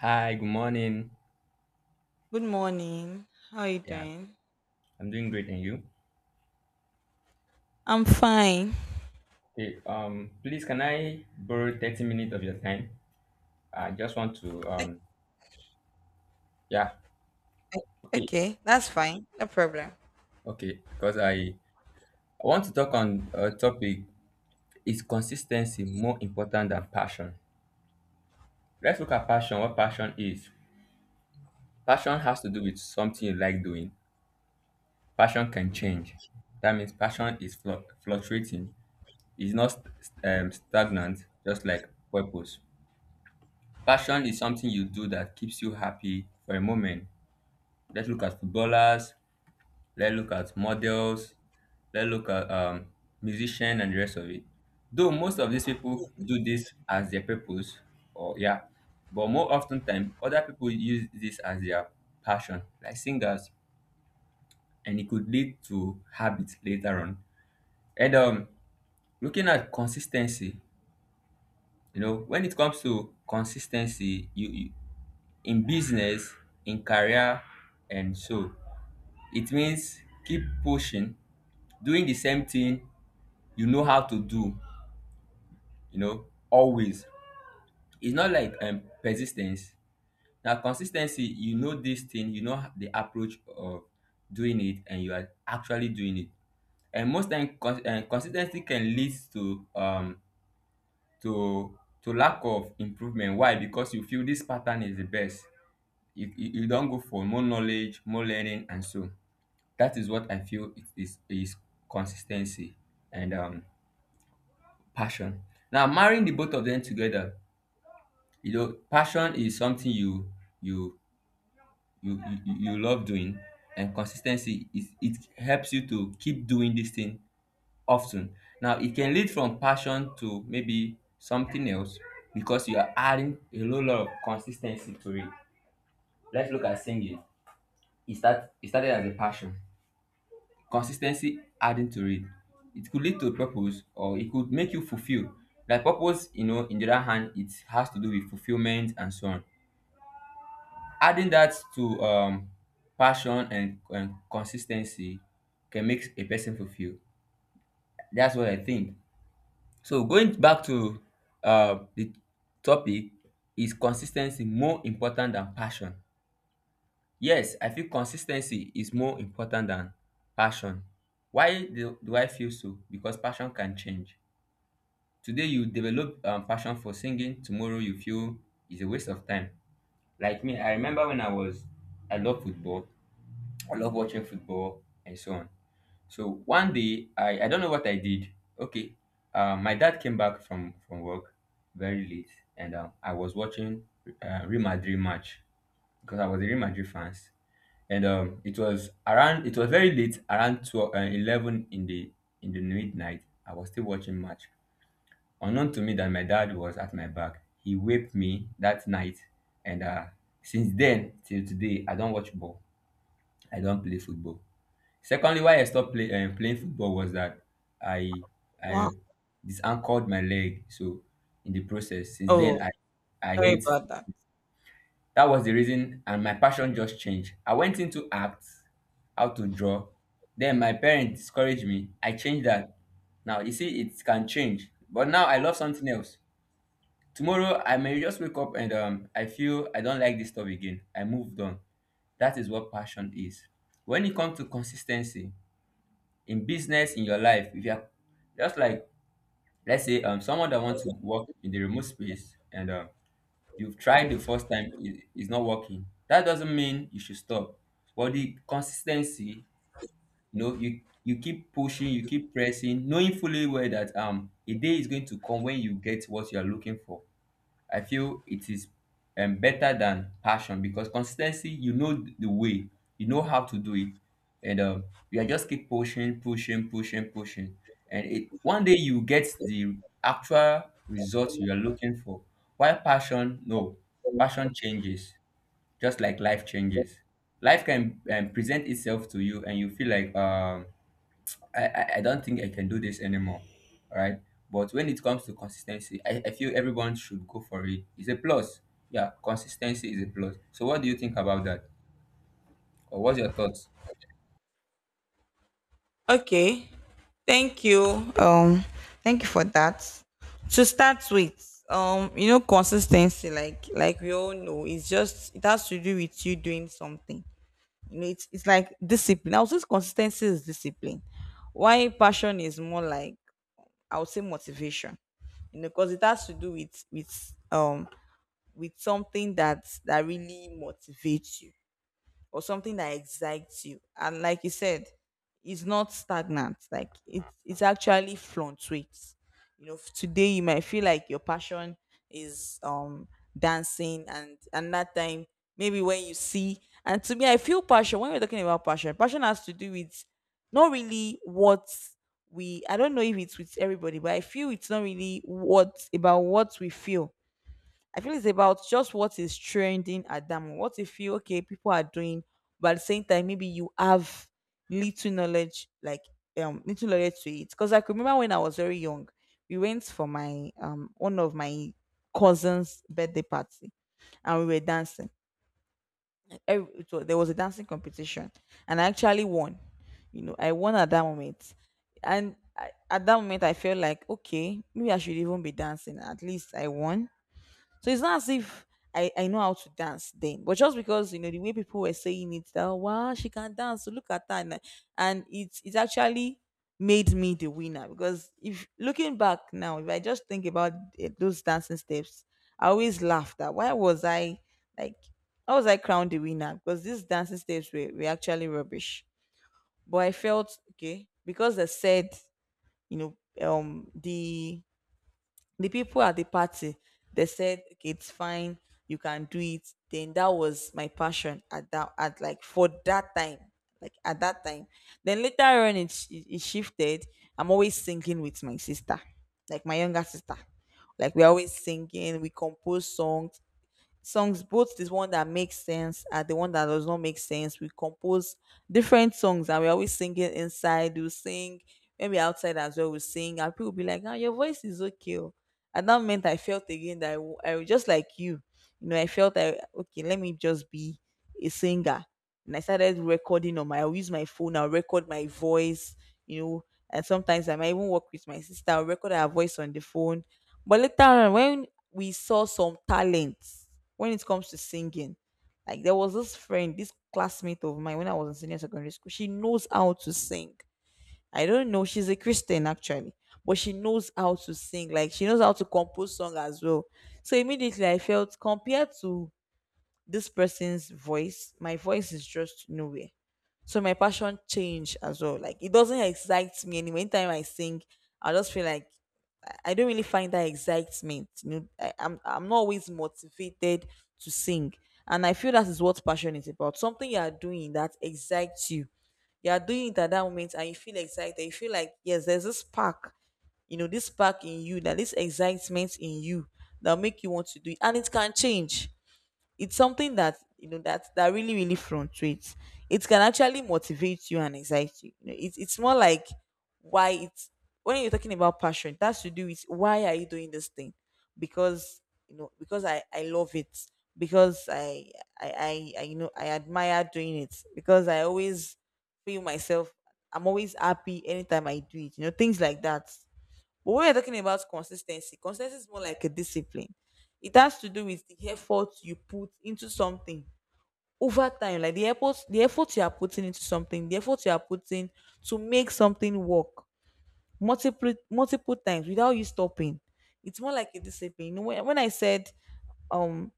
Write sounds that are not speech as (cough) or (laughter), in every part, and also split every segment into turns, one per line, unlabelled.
Hi, good morning.
Good morning. How are you
Yeah,
doing?
I'm doing great, and you?
I'm fine.
Okay, please can I borrow 30 minutes of your time? I just want to yeah, okay,
Okay, that's fine. No problem.
okay, because I want to talk on a topic, is consistency more important than passion? Let's look at passion, what passion is. Passion has to do with something you like doing. Passion can change. That means passion is fluctuating. It's not stagnant, just like purpose. Passion is something you do that keeps you happy for a moment. Let's look at footballers, let's look at models, let's look at musicians and the rest of it. Though most of these people do this as their purpose, or yeah, but more often time, other people use this as their passion, like singers, and it could lead to habits later on. And Looking at consistency, you know, when it comes to consistency, you in business, in career, and so it means keep pushing, doing the same thing you know how to do, you know, always. It's not like persistence. Now, consistency, you know this thing, you know the approach of doing it, and you are actually doing it. And most time, consistency can lead to lack of improvement. Why? Because you feel this pattern is the best. You don't go for more knowledge, more learning, and so. That is what I feel it is, consistency and passion. Now marrying the both of them together, you know, passion is something you you love doing, and consistency is it helps you to keep doing this thing often. Now it can lead from passion to maybe something else because you are adding a whole lot of consistency to it. Let's look at singing. It started as a passion. Consistency adding to it. It could lead to purpose or it could make you fulfill. Like purpose, you know, in the other hand, it has to do with fulfillment and so on. Adding that to passion and consis can make a person fulfill. That's what I think. So going back to the topic, is consistency more important than passion? Yes, I feel consistency is more important than passion. Why do I feel so? Because passion can change. Today you develop passion for singing, tomorrow you feel it's a waste of time. Like me, I remember when I was I love football, I love watching football and so on. So one day I don't know what I did. Okay, my dad came back from work very late, and I was watching Real Madrid match because I was a Real Madrid fans, and it was very late around 12, 11 in the midnight. I was still watching match, unknown to me that my dad was at my back. He whipped me that night, and since then till today I don't watch ball, I don't play football. Secondly, why I stopped playing football was that i I
Wow.
disanchored my leg, so in the process since
Oh,
then I I
sorry
hate,
about that.
that was the reason, and my passion just changed. I went into act, how to draw, then my parents discouraged me, I changed that. Now you see it can change, but now I love something else. Tomorrow I may just wake up and I feel I don't like this stuff again, I moved on. That is what passion is. When it comes to consistency, in business, in your life, if you're just like let's say someone that wants to work in the remote space, and you've tried the first time, it's not working, that doesn't mean you should stop. But the consistency, you know, you keep pushing, you keep pressing, knowing fully well that a day is going to come when you get what you are looking for. I feel it is better than passion because consistency, you know the way, you know how to do it, and you are just keep pushing, pushing, pushing, pushing, and it one day you get the actual results you are looking for. While passion, no, passion changes, just like life changes. Life can present itself to you, and you feel like I don't think I can do this anymore. All right. But when it comes to consistency, I feel everyone should go for it. It's a plus. Yeah, consistency is a plus. So what do you think about that? Or what's your thoughts?
Okay. Thank you. Thank you for that. To start with, consistency, like we all know, it's just it has to do with you doing something. You know, it's like discipline. I would say consistency is discipline. Why passion is more like, I would say, motivation. You know, because it has to do with with something that really motivates you, or something that excites you. And like you said, it's not stagnant. Like it's actually fluctuates. Today you might feel like your passion is dancing. And that time, maybe when you see, and to me, I feel passion. When we're talking about passion, passion has to do with not really what we... I don't know if it's with everybody, but I feel it's not really what about what we feel. I feel it's about just what is trending at that moment. What if you, okay, people are doing, but at the same time, maybe you have little knowledge, like little knowledge to it. Because I could remember when I was very young, we went for my one of my cousin's birthday party and we were dancing. There was a dancing competition and I actually won. You know, I won at that moment. And at that moment I felt like, okay, maybe I should even be dancing. At least I won, so it's not as if I know how to dance then, but just because, you know, the way people were saying it, that wow, she can dance, so look at that, and it's actually made me the winner, because if, looking back now, if I just think about it, those dancing steps, I always laugh that why was I, like, how was I crowned the winner, because these dancing steps were actually rubbish. But I felt okay because they said, you know um the the people at the party, they said, "Okay, it's fine, you can do it. Then that was my passion at that at like for that time, like at that time. Then later on, it shifted. I'm always singing with my sister, like my younger sister. Like we're always singing, we compose songs. Songs, both this one that makes sense and the one that does not make sense, we compose different songs, and we're always singing. Inside we sing, maybe outside as well we sing, and people will be like, ah, your voice is okay, oh." And that meant I felt again that I was just like you. You know I felt, okay, let me just be a singer. And I started recording on my I'll use my phone, I'll record my voice. you know and sometimes I might even work with my sister, I'll record her voice on the phone. But later on, when we saw some talents when it comes to singing. Like, there was this friend, this classmate of mine, when I was in senior secondary school. She knows how to sing. I don't know. She's a Christian actually, but she knows how to sing. Like, she knows how to compose song as well. So immediately I felt, compared to this person's voice, my voice is just nowhere. So my passion changed as well. Like, it doesn't excite me anymore. Anytime I sing, I just feel like I don't really find that excitement. You know, I'm not always motivated to sing, and I feel that is what passion is about. Something you are doing that excites you. You are doing it at that moment, and you feel excited. You feel like, yes, there's this spark. You know, this spark in you, that this excitement in you, that will make you want to do it, and it can change. It's something that you know that that really really fluctuates. It can actually motivate you and excite you. You know, it's more like why it's, when you're talking about passion, that's to do with why are you doing this thing. Because, you know, because I love it. Because I you know I admire doing it. Because I always feel myself, I'm always happy anytime I do it, things like that. But when you're talking about consistency, consistency is more like a discipline. It has to do with the effort you put into something over time, like the effort you are putting into something, the effort you are putting to make something work multiple times without you stopping. It's more like a discipline. You know, when I said um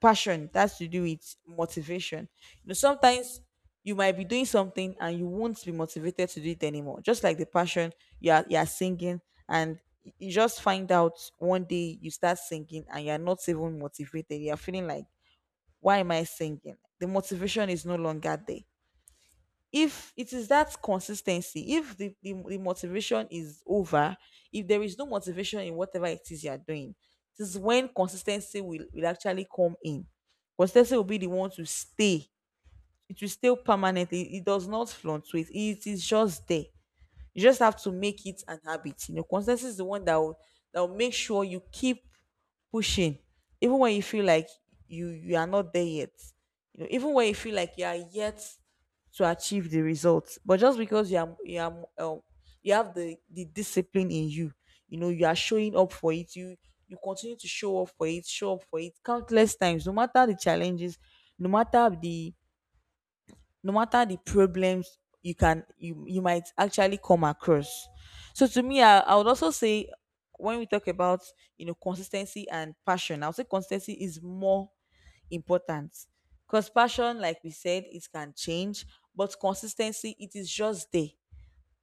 passion, that's to do with motivation. Sometimes you might be doing something and you won't be motivated to do it anymore, just like the passion. You are singing, and you just find out one day you start singing and you're not even motivated. You're feeling like, why am I singing? The motivation is no longer there. If it is that consistency, if the motivation is over, if there is no motivation in whatever it is you are doing, this is when consistency will actually come in. Consistency will be the one to stay. It will stay permanently. It does not fluctuate. It is just there. You just have to make it an habit. You know, consistency is the one that will make sure you keep pushing, even when you feel like you are not there yet. Even when you feel like you are yet to achieve the results, but just because you have the discipline in you. You know You are showing up for it, you continue to show up for it, show up for it countless times, no matter the challenges, no matter the, problems you can you you might actually come across. So to me, I would also say, when we talk about consistency and passion, I would say consistency is more important, because passion, like we said, it can change, but consistency, it is just there.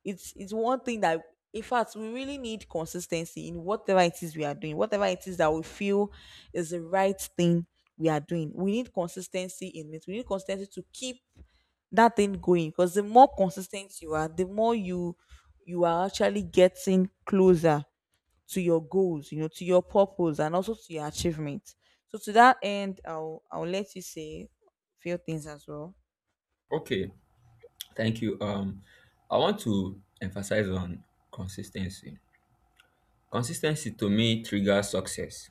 It's one thing that, in fact, we really need. Consistency in whatever it is we are doing, whatever it is that we feel is the right thing we are doing, we need consistency in it. We need consistency to keep that thing going, because the more consistent you are, the more you are actually getting closer to your goals, to your purpose, and also to your achievement. So to that end, I'll let you say a few things as well.
Okay, thank you. I want to emphasize on consistency. Consistency to me triggers success.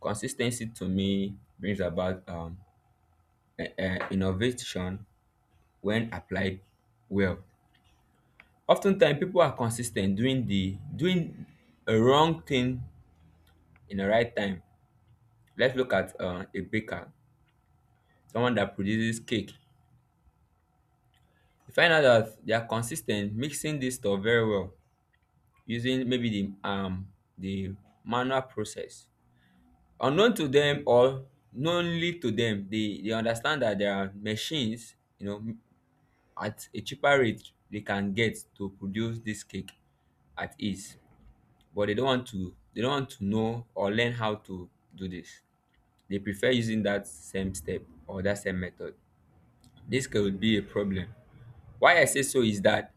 Consistency to me brings about innovation when applied well. Oftentimes people are consistent doing a wrong thing in the right time. Let's look at a baker, someone that produces cake. You find out that they are consistent mixing this stuff very well using maybe the manual process. Unknown to them or knowingly to them, they understand that there are machines, you know, at a cheaper rate they can get to produce this cake at ease. But they don't want to know or learn how to do this. They prefer using that same step or that same method. This could be a problem. Why I say so is that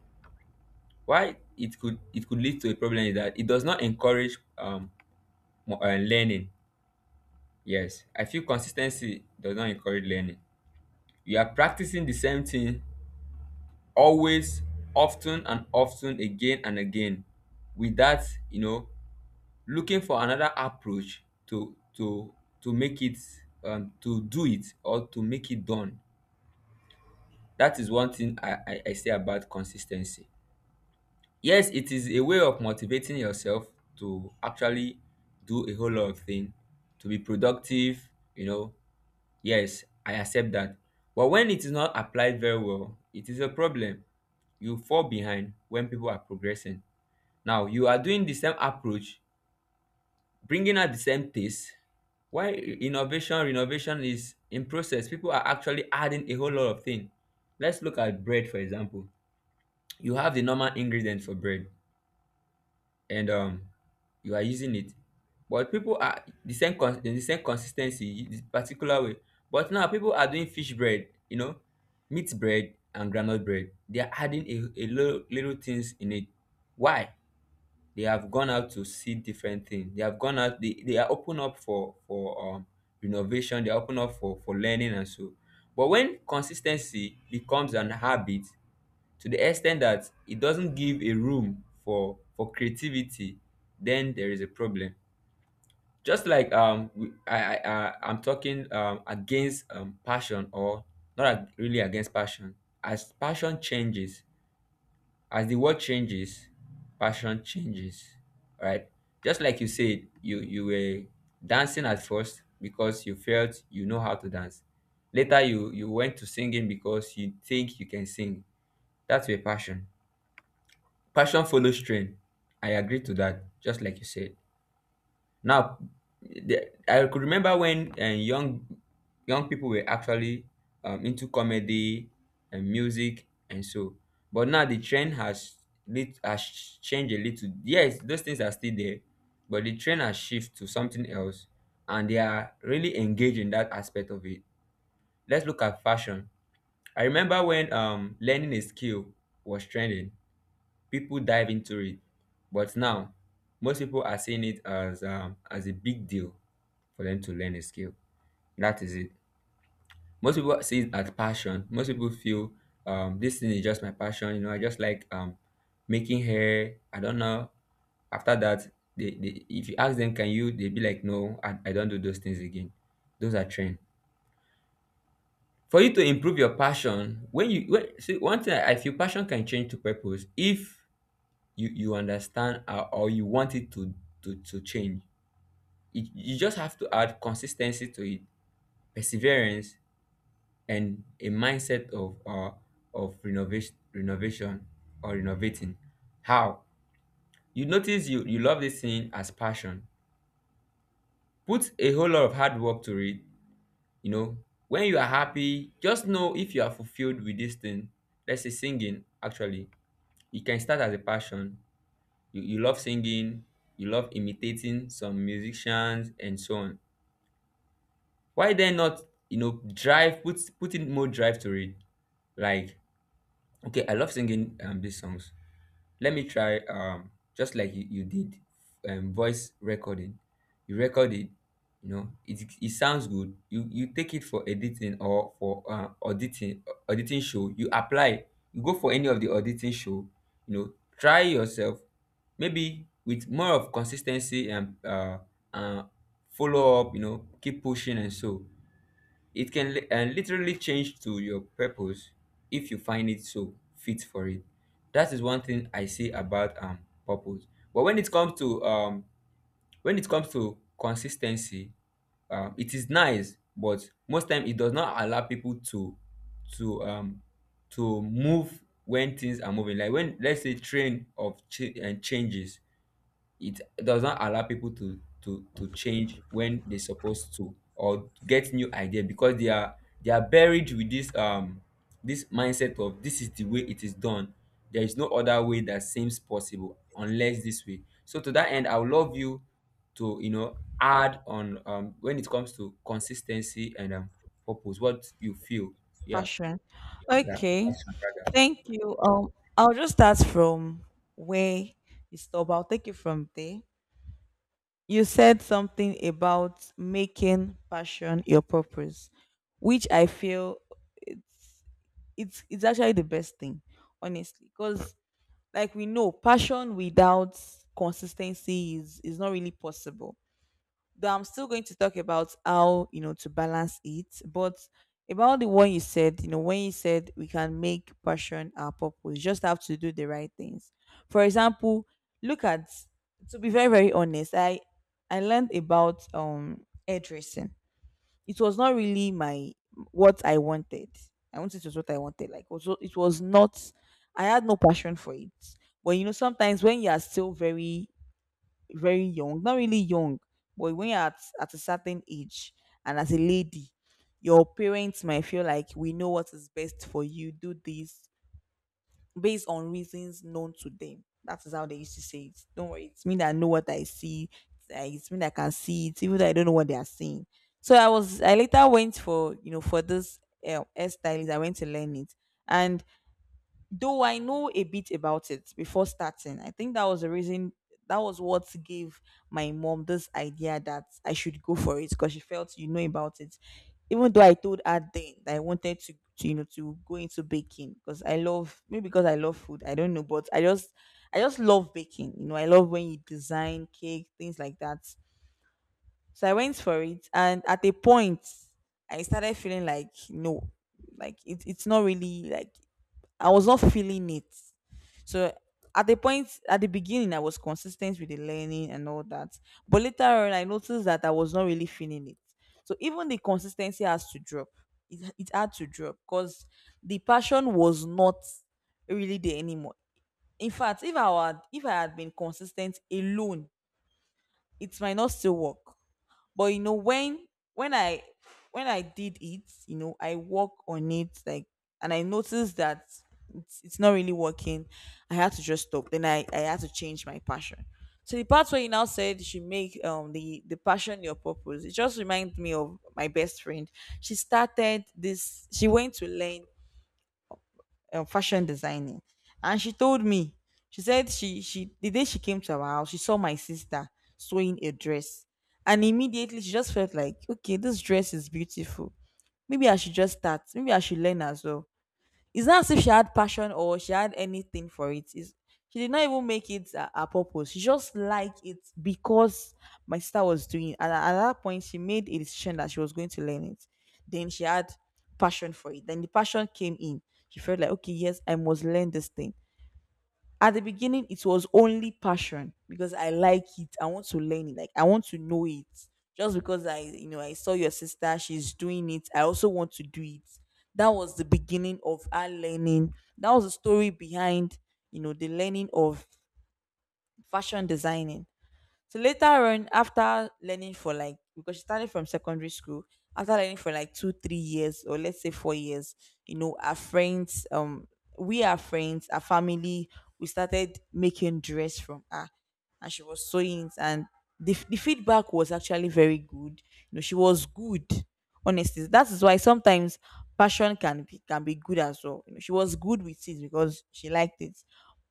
Why it could, it could lead to a problem is that it does not encourage learning. Yes, I feel consistency does not encourage learning. You are practicing the same thing always, often and often, again and again, without, you know, looking for another approach to make it, to do it or to make it done. That is one thing I say about consistency. Yes, it is a way of motivating yourself to actually do a whole lot of things, to be productive, you know. Yes, I accept that. But when it is not applied very well, it is a problem. You fall behind when people are progressing. Now, you are doing the same approach, bringing out the same taste. Why innovation, renovation is in process. People are actually adding a whole lot of things. Let's look at bread, for example. You have the normal ingredients for bread, and you are using it, but people are the same consistency, the particular way. But now people are doing fish bread, you know, meat bread and groundnut bread. They are adding a little little things in it. Why? They have gone out to see different things, they have gone out, they are open up for innovation, they are open up for learning and so. But when consistency becomes an habit to the extent that it doesn't give a room for creativity, then there is a problem. Just like I'm talking against passion, or not ag- really against passion. As passion changes, as the world changes, passion changes, right? Just like you said, you were dancing at first because you felt you know how to dance, later you went to singing because you think you can sing, that's your passion. Passion follows trend. I agree to that, just like you said. Now, I could remember when young people were actually into comedy and music and so. But now the trend has changed a little. Yes, those things are still there, but the trend has shifted to something else, and they are really engaged in that aspect of it. Let's look at fashion. I remember when learning a skill was trending, people dive into it. But now, most people are seeing it as a big deal for them to learn a skill. That is it. Most people see it as passion. Most people feel this thing is just my passion. You know, I just like making hair. I don't know. After that, they, if you ask them, can you? They be like, no, I don't do those things again. Those are trend. For you to improve your passion, see, one thing I feel passion can change to purpose if you understand or you want it to change, you just have to add consistency to it, perseverance, and a mindset of renovation, or renovating. How? You notice you love this thing as passion, put a whole lot of hard work to it, you know. When you are happy, just know if you are fulfilled with this thing. Let's say singing actually, it can start as a passion, you love singing, you love imitating some musicians and so on. Why then not, drive, put in more drive to it? Like, okay, I love singing these songs. Let me try just like you did voice recording. You record it, you know it sounds good. You take it for editing or for auditing. Auditing show, you apply, you go for any of the auditing show, you know try yourself, maybe with more of consistency and uh follow up, keep pushing and so it can literally change to your purpose if you find it so fit for it. That is one thing I see about purpose. But when it comes to consistency, it is nice, but most time it does not allow people to um to move when things are moving. Like when, let's say, train of changes, it does not allow people to change when they're supposed to, or to get new idea because they are buried with this mindset of this is the way it is done. There is no other way that seems possible unless this way. So to that end, I would love you to, you know, add on when it comes to consistency and purpose, what you feel. Yeah.
Passion. Okay, thank you. I'll just start from where you stop, I'll take you from there. You said something about making passion your purpose, which I feel it's actually the best thing, honestly, because, like we know, passion without consistency is not really possible. Though I'm still going to talk about how, to balance it. But about the one you said, when you said we can make passion our purpose, you just have to do the right things. For example, look at to be very, very honest, I learned about hairdressing. It was not really my what I wanted. I won't say it was what I wanted. Like, also, it was not. I had no passion for it. But sometimes when you are still very, very young, not really young, but when you're at a certain age and as a lady, your parents might feel like, we know what is best for you, do this, based on reasons known to them. That is how they used to say it. Don't worry, it's me that know what I see. It's me that can see it, even though I don't know what they are seeing. So I later went for, this hairstylist. I went to learn it, and though I know a bit about it before starting, I think that was the reason, that was what gave my mom this idea that I should go for it, because she felt you know about it. Even though I told her then that I wanted to, to go into baking, because I love, maybe because I love food, I don't know, but I just love baking. You know, I love when you design cake, things like that. So I went for it, and at a point, I started feeling like, no, like it's not really like I was not feeling it. So at the point at the beginning, I was consistent with the learning and all that, but later on, I noticed that I was not really feeling it. So even the consistency has to drop. It had to drop because the passion was not really there anymore. In fact, if I had been consistent alone, it might not still work. But when when I when I did it, I work on it like, and I noticed that it's not really working. I had to just stop. Then I had to change my passion. So the part where you now said you should make the passion your purpose, it just reminds me of my best friend. She started this, she went to learn fashion designing, and she told me. She said, she the day she came to our house, she saw my sister sewing a dress, and immediately she just felt like, okay, this dress is beautiful. Maybe I should just start. Maybe I should learn as well. It's not as if she had passion or she had anything for it. It's, she did not even make it a purpose. She just liked it because my sister was doing it. And at that point, she made a decision that she was going to learn it. Then she had passion for it. Then the passion came in. She felt like, okay, yes, I must learn this thing. At the beginning, it was only passion because I like it. I want to learn it. Like, I want to know it. Just because I saw your sister, she's doing it. I also want to do it. That was the beginning of our learning. That was the story behind the learning of fashion designing. So later on, after learning for like, because she started from secondary school, after learning for like 2, 3 years, or let's say 4 years, our friends, we are friends, our family, we started making dress from her, and she was sewing it, and the feedback was actually very good. You know, she was good. Honestly, that is why sometimes passion can be good as well. You know, she was good with it because she liked it,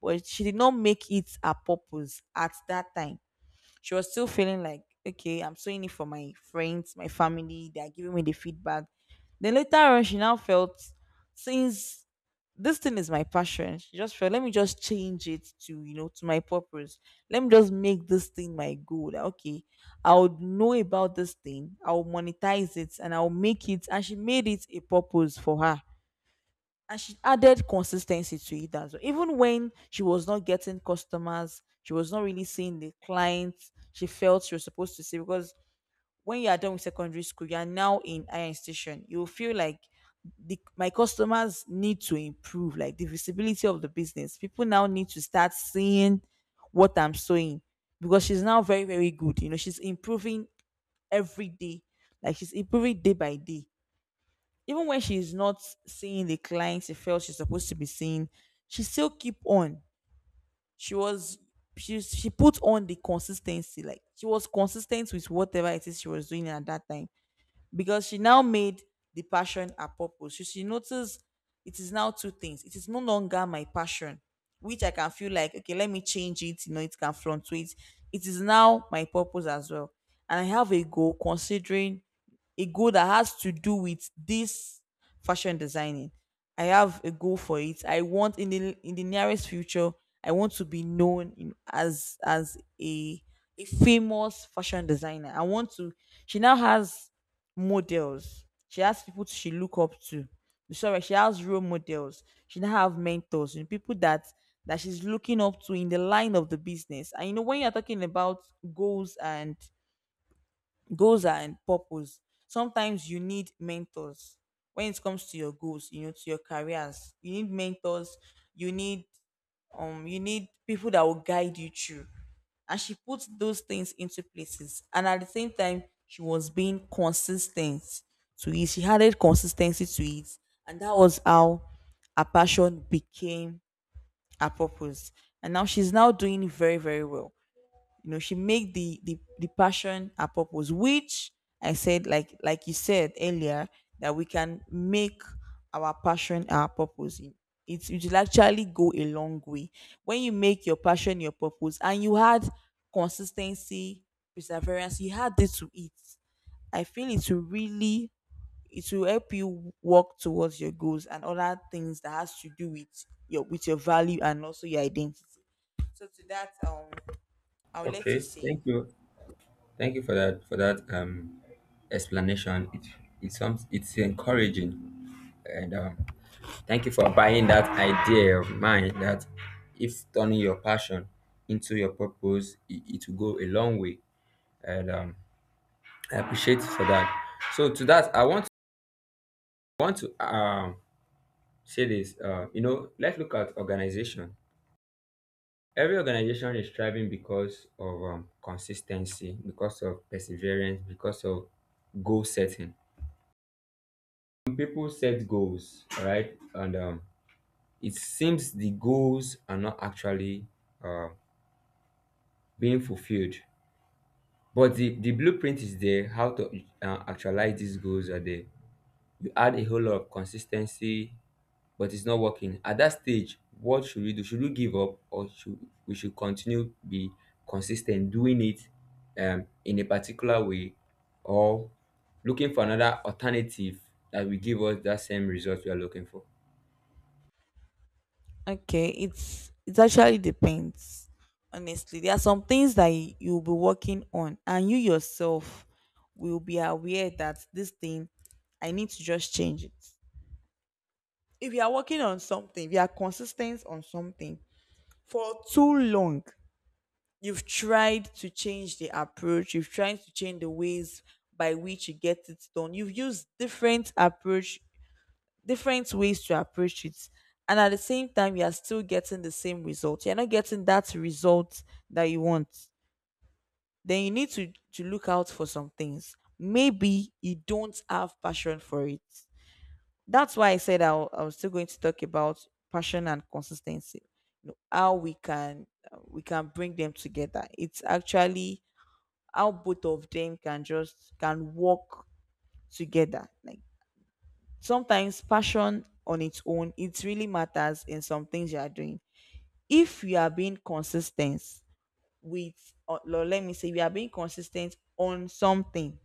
but she did not make it her purpose at that time. She was still feeling like, okay, I'm doing it for my friends, my family. They're giving me the feedback. Then later on, she now felt, since this thing is my passion, she just felt, let me just change it to you know to my purpose. Let me just make this thing my goal, that, okay, I would know about this thing, I'll monetize it, and I'll make it. And she made it a purpose for her, and she added consistency to it as well. Even when she was not getting customers, she was not really seeing the clients she felt she was supposed to see, because when you are done with secondary school, you are now in higher institution. You will feel like my customers need to improve, like the visibility of the business. People now need to start seeing what I'm sowing, because she's now very, very good. You know, she's improving every day, like she's improving day by day. Even when she's not seeing the clients she felt she's supposed to be seeing, she still keep on. She was she put on the consistency. Like, she was consistent with whatever it is she was doing at that time. Because she now made the passion her purpose. So she noticed it is now two things. It is no longer my passion, which I can feel like, okay, let me change it. You know, it can fluctuate. It is now my purpose as well. And I have a goal that has to do with this fashion designing. I have a goal for it. I want, in the nearest future, I want to be known in, as a famous fashion designer. I want to. She now has models. She has people she look up to. Sorry, she has role models. She now have mentors and people that she's looking up to in the line of the business. And you know, when you're talking about goals and goals are in purpose, sometimes you need mentors. When it comes to your goals, to your careers, you need mentors. You need um you need people that will guide you through. And she put those things into places, and at the same time, she was being consistent to it. She added consistency to it. And that was how her passion became her purpose. And now she's now doing very, very well. You know, she make the passion her purpose, which I said, like you said earlier, that we can make our passion our purpose in It will actually go a long way. When you make your passion your purpose and you had consistency, perseverance, you had this to it, I feel it will really, it will help you work towards your goals and other things that has to do with your value and also your identity. So to that, I'll let you
Okay,
say.
thank you. Thank you for that, explanation. It sounds, it's encouraging. And thank you for buying that idea of mine that if turning your passion into your purpose, it will go a long way. And I appreciate you for that. So to that, I want to, say this. You know, let's look at organization. Every organization is striving because of consistency, because of perseverance, because of goal setting. People set goals, right? And it seems the goals are not actually uh, being fulfilled, but the blueprint is there. How to actualize these goals are there. You add a whole lot of consistency, but it's not working at that stage. What should we do? Should we give up, or should we should continue be consistent doing it in a particular way, or looking for another alternative that will give us that same result we are looking for?
Okay, it actually depends. Honestly, there are some things that you'll be working on, and you yourself will be aware that this thing I need to just change it. If you are working on something, if you are consistent on something for too long, you've tried to change the approach, you've tried to change the ways by which you get it done. You've used different approach, different ways to approach it, and at the same time, you are still getting the same result. You're not getting that result that you want. Then you need to look out for some things. Maybe you don't have passion for it. That's why I said, I was still going to talk about passion and consistency. You know, how we can bring them together. It's actually how both of them can just can work together. Like, sometimes passion on its own, it really matters in some things you are doing. If you are being consistent with, or let me say, you are being consistent on something,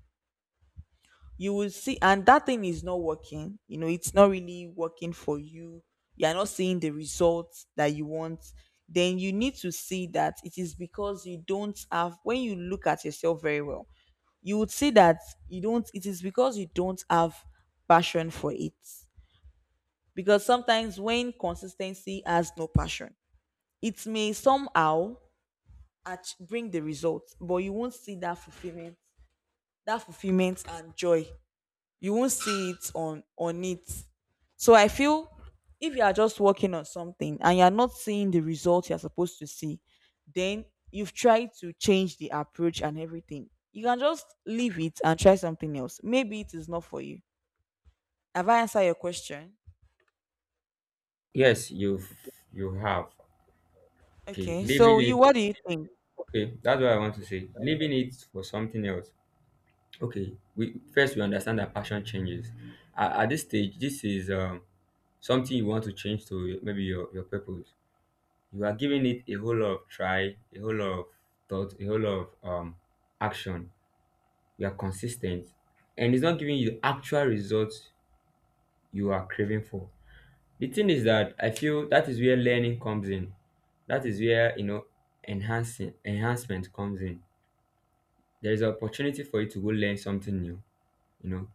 you will see and that thing is not working. It's not really working for you. You are not seeing the results that you want. Then you need to see that it is because you don't have, when you look at yourself very well, you would see that you don't, it is because you don't have passion for it. Because sometimes when consistency has no passion, it may somehow bring the results, but you won't see that fulfillment and joy. You won't see it on it. So I feel, if you are just working on something and you are not seeing the result you are supposed to see, then you've tried to change the approach and everything. You can just leave it and try something else. Maybe it is not for you. Have I answered your question?
Yes, you have. Okay,
Okay. So
leaving
you,
it,
what do you think?
okay, that's what I want to say, leaving it for something else. Okay, we first we understand that passion changes. At this stage, this is, something you want to change to maybe your purpose. You are giving it a whole lot of try, a whole lot of thought, a whole lot of, action. You are consistent, and it's not giving you the actual results you are craving for. The thing is that I feel that is where learning comes in. That is where you know enhancing enhancement comes in. There is an opportunity for you to go learn something new. You know,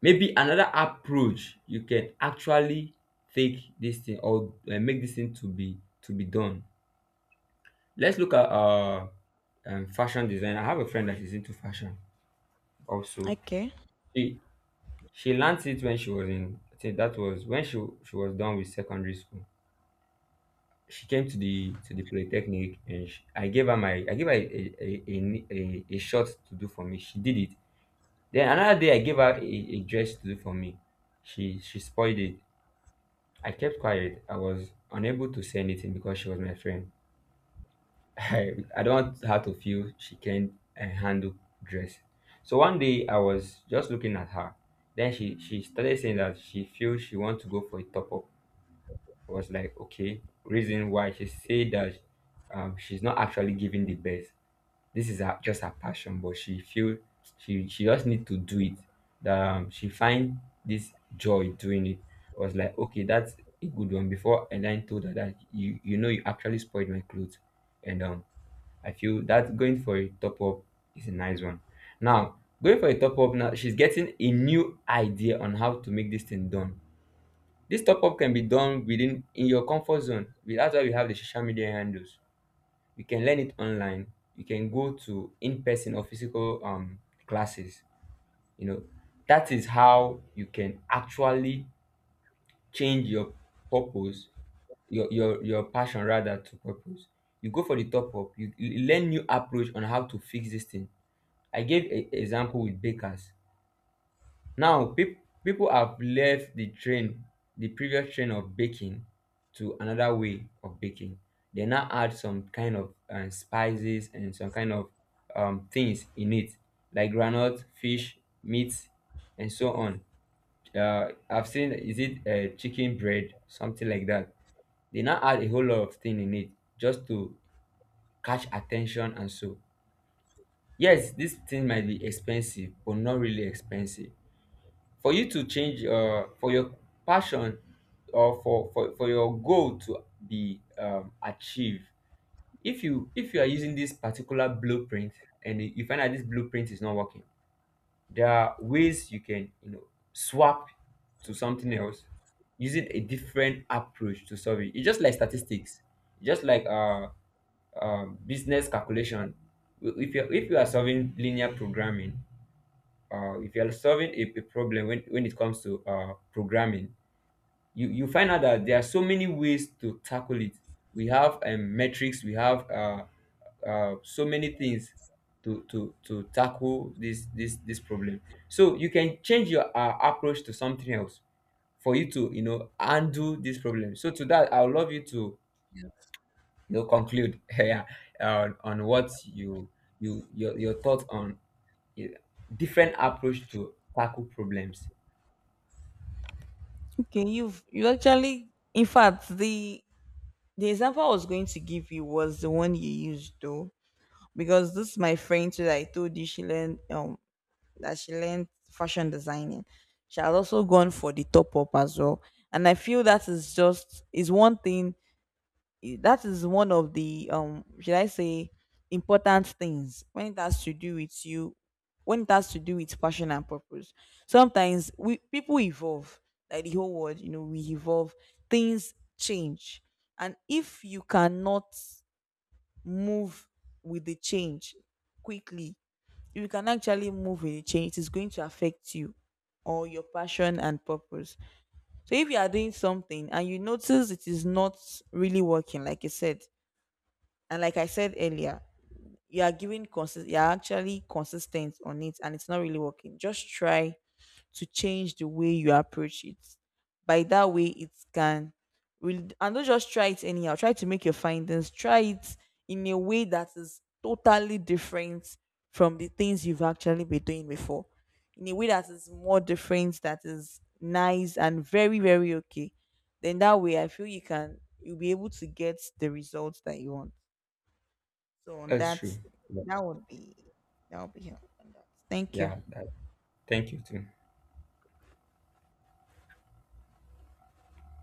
maybe another approach you can actually take this thing, or make this thing to be done. Let's look at fashion design. I have a friend that is into fashion also.
Okay.
She she learned it when she was in, I think that was when she was done with secondary school. She came to the polytechnic, and I gave her a shot to do for me. She did it. Then another day I gave her a dress to do for me. She spoiled it. I kept quiet. I was unable to say anything because she was my friend. (laughs) I don't want her to feel she can't handle dress. So one day I was just looking at her. Then she started saying that she feels she wants to go for a top up. I was like, okay. Reason why she said that, she's not actually giving the best. This is her, just her passion, but she feel she just need to do it, that she find this joy doing it. I was like, okay, that's a good one before, and then told her that you know you actually spoiled my clothes. And I feel that going for a top up is a nice one. Now, going for a top up, now she's getting a new idea on how to make this thing done. This top up can be done within in your comfort zone. That's why we have the social media handles. You can learn it online, you can go to in-person or physical classes. You know, that is how you can actually change your purpose, your passion rather to purpose. You go for the top up, you learn new approach on how to fix this thing. I gave a example with bakers. Now, pip people have left the train, the previous train of baking, to another way of baking. They now add some kind of spices and some kind of things in it, like granite fish meat and so on. I've seen, is it, chicken bread, something like that. They now add a whole lot of thing in it just to catch attention and so. Yes, this thing might be expensive, but not really expensive, for you to change for your passion or for your goal to be achieved. If you are using this particular blueprint and you find out this blueprint is not working, there are ways you can, you know, swap to something else, using a different approach to solve it. It's just like statistics, just like business calculation. If you are solving linear programming, if you're solving a problem when it comes to programming, you find out that there are so many ways to tackle it. We have metrics, we have so many things to tackle this problem. So you can change your approach to something else, for you to, you know, undo this problem. So to that, I would love you to, you know, conclude (laughs) yeah, on what you, your thoughts on uh, different approach to tackle problems.
Okay, you actually, in fact, the example I was going to give you was the one you used, though, because this is my friend too that I told you she learned fashion designing. She has also gone for the top up as well. And I feel that is just is one thing, that is one of the should I say important things when it has to do with you, when it has to do with passion and purpose. Sometimes we people evolve. Like the whole world, we evolve. Things change. And if you cannot move with the change quickly, if you can actually move with the change, it is going to affect you or your passion and purpose. So if you are doing something and you notice it is not really working, like you said, and like I said earlier, you're actually consistent on it, and it's not really working. Just try to change the way you approach it. By that way, it can really, and don't just try it anyhow. Try to make your findings. Try it in a way that is totally different from the things you've actually been doing before. In a way that is more different, that is nice and very, very okay. Then that way, I feel you'll be able to get the results that you want. So
That's true. Yeah.
that would be that would be helpful. Thank you.
Yeah, that, thank you too.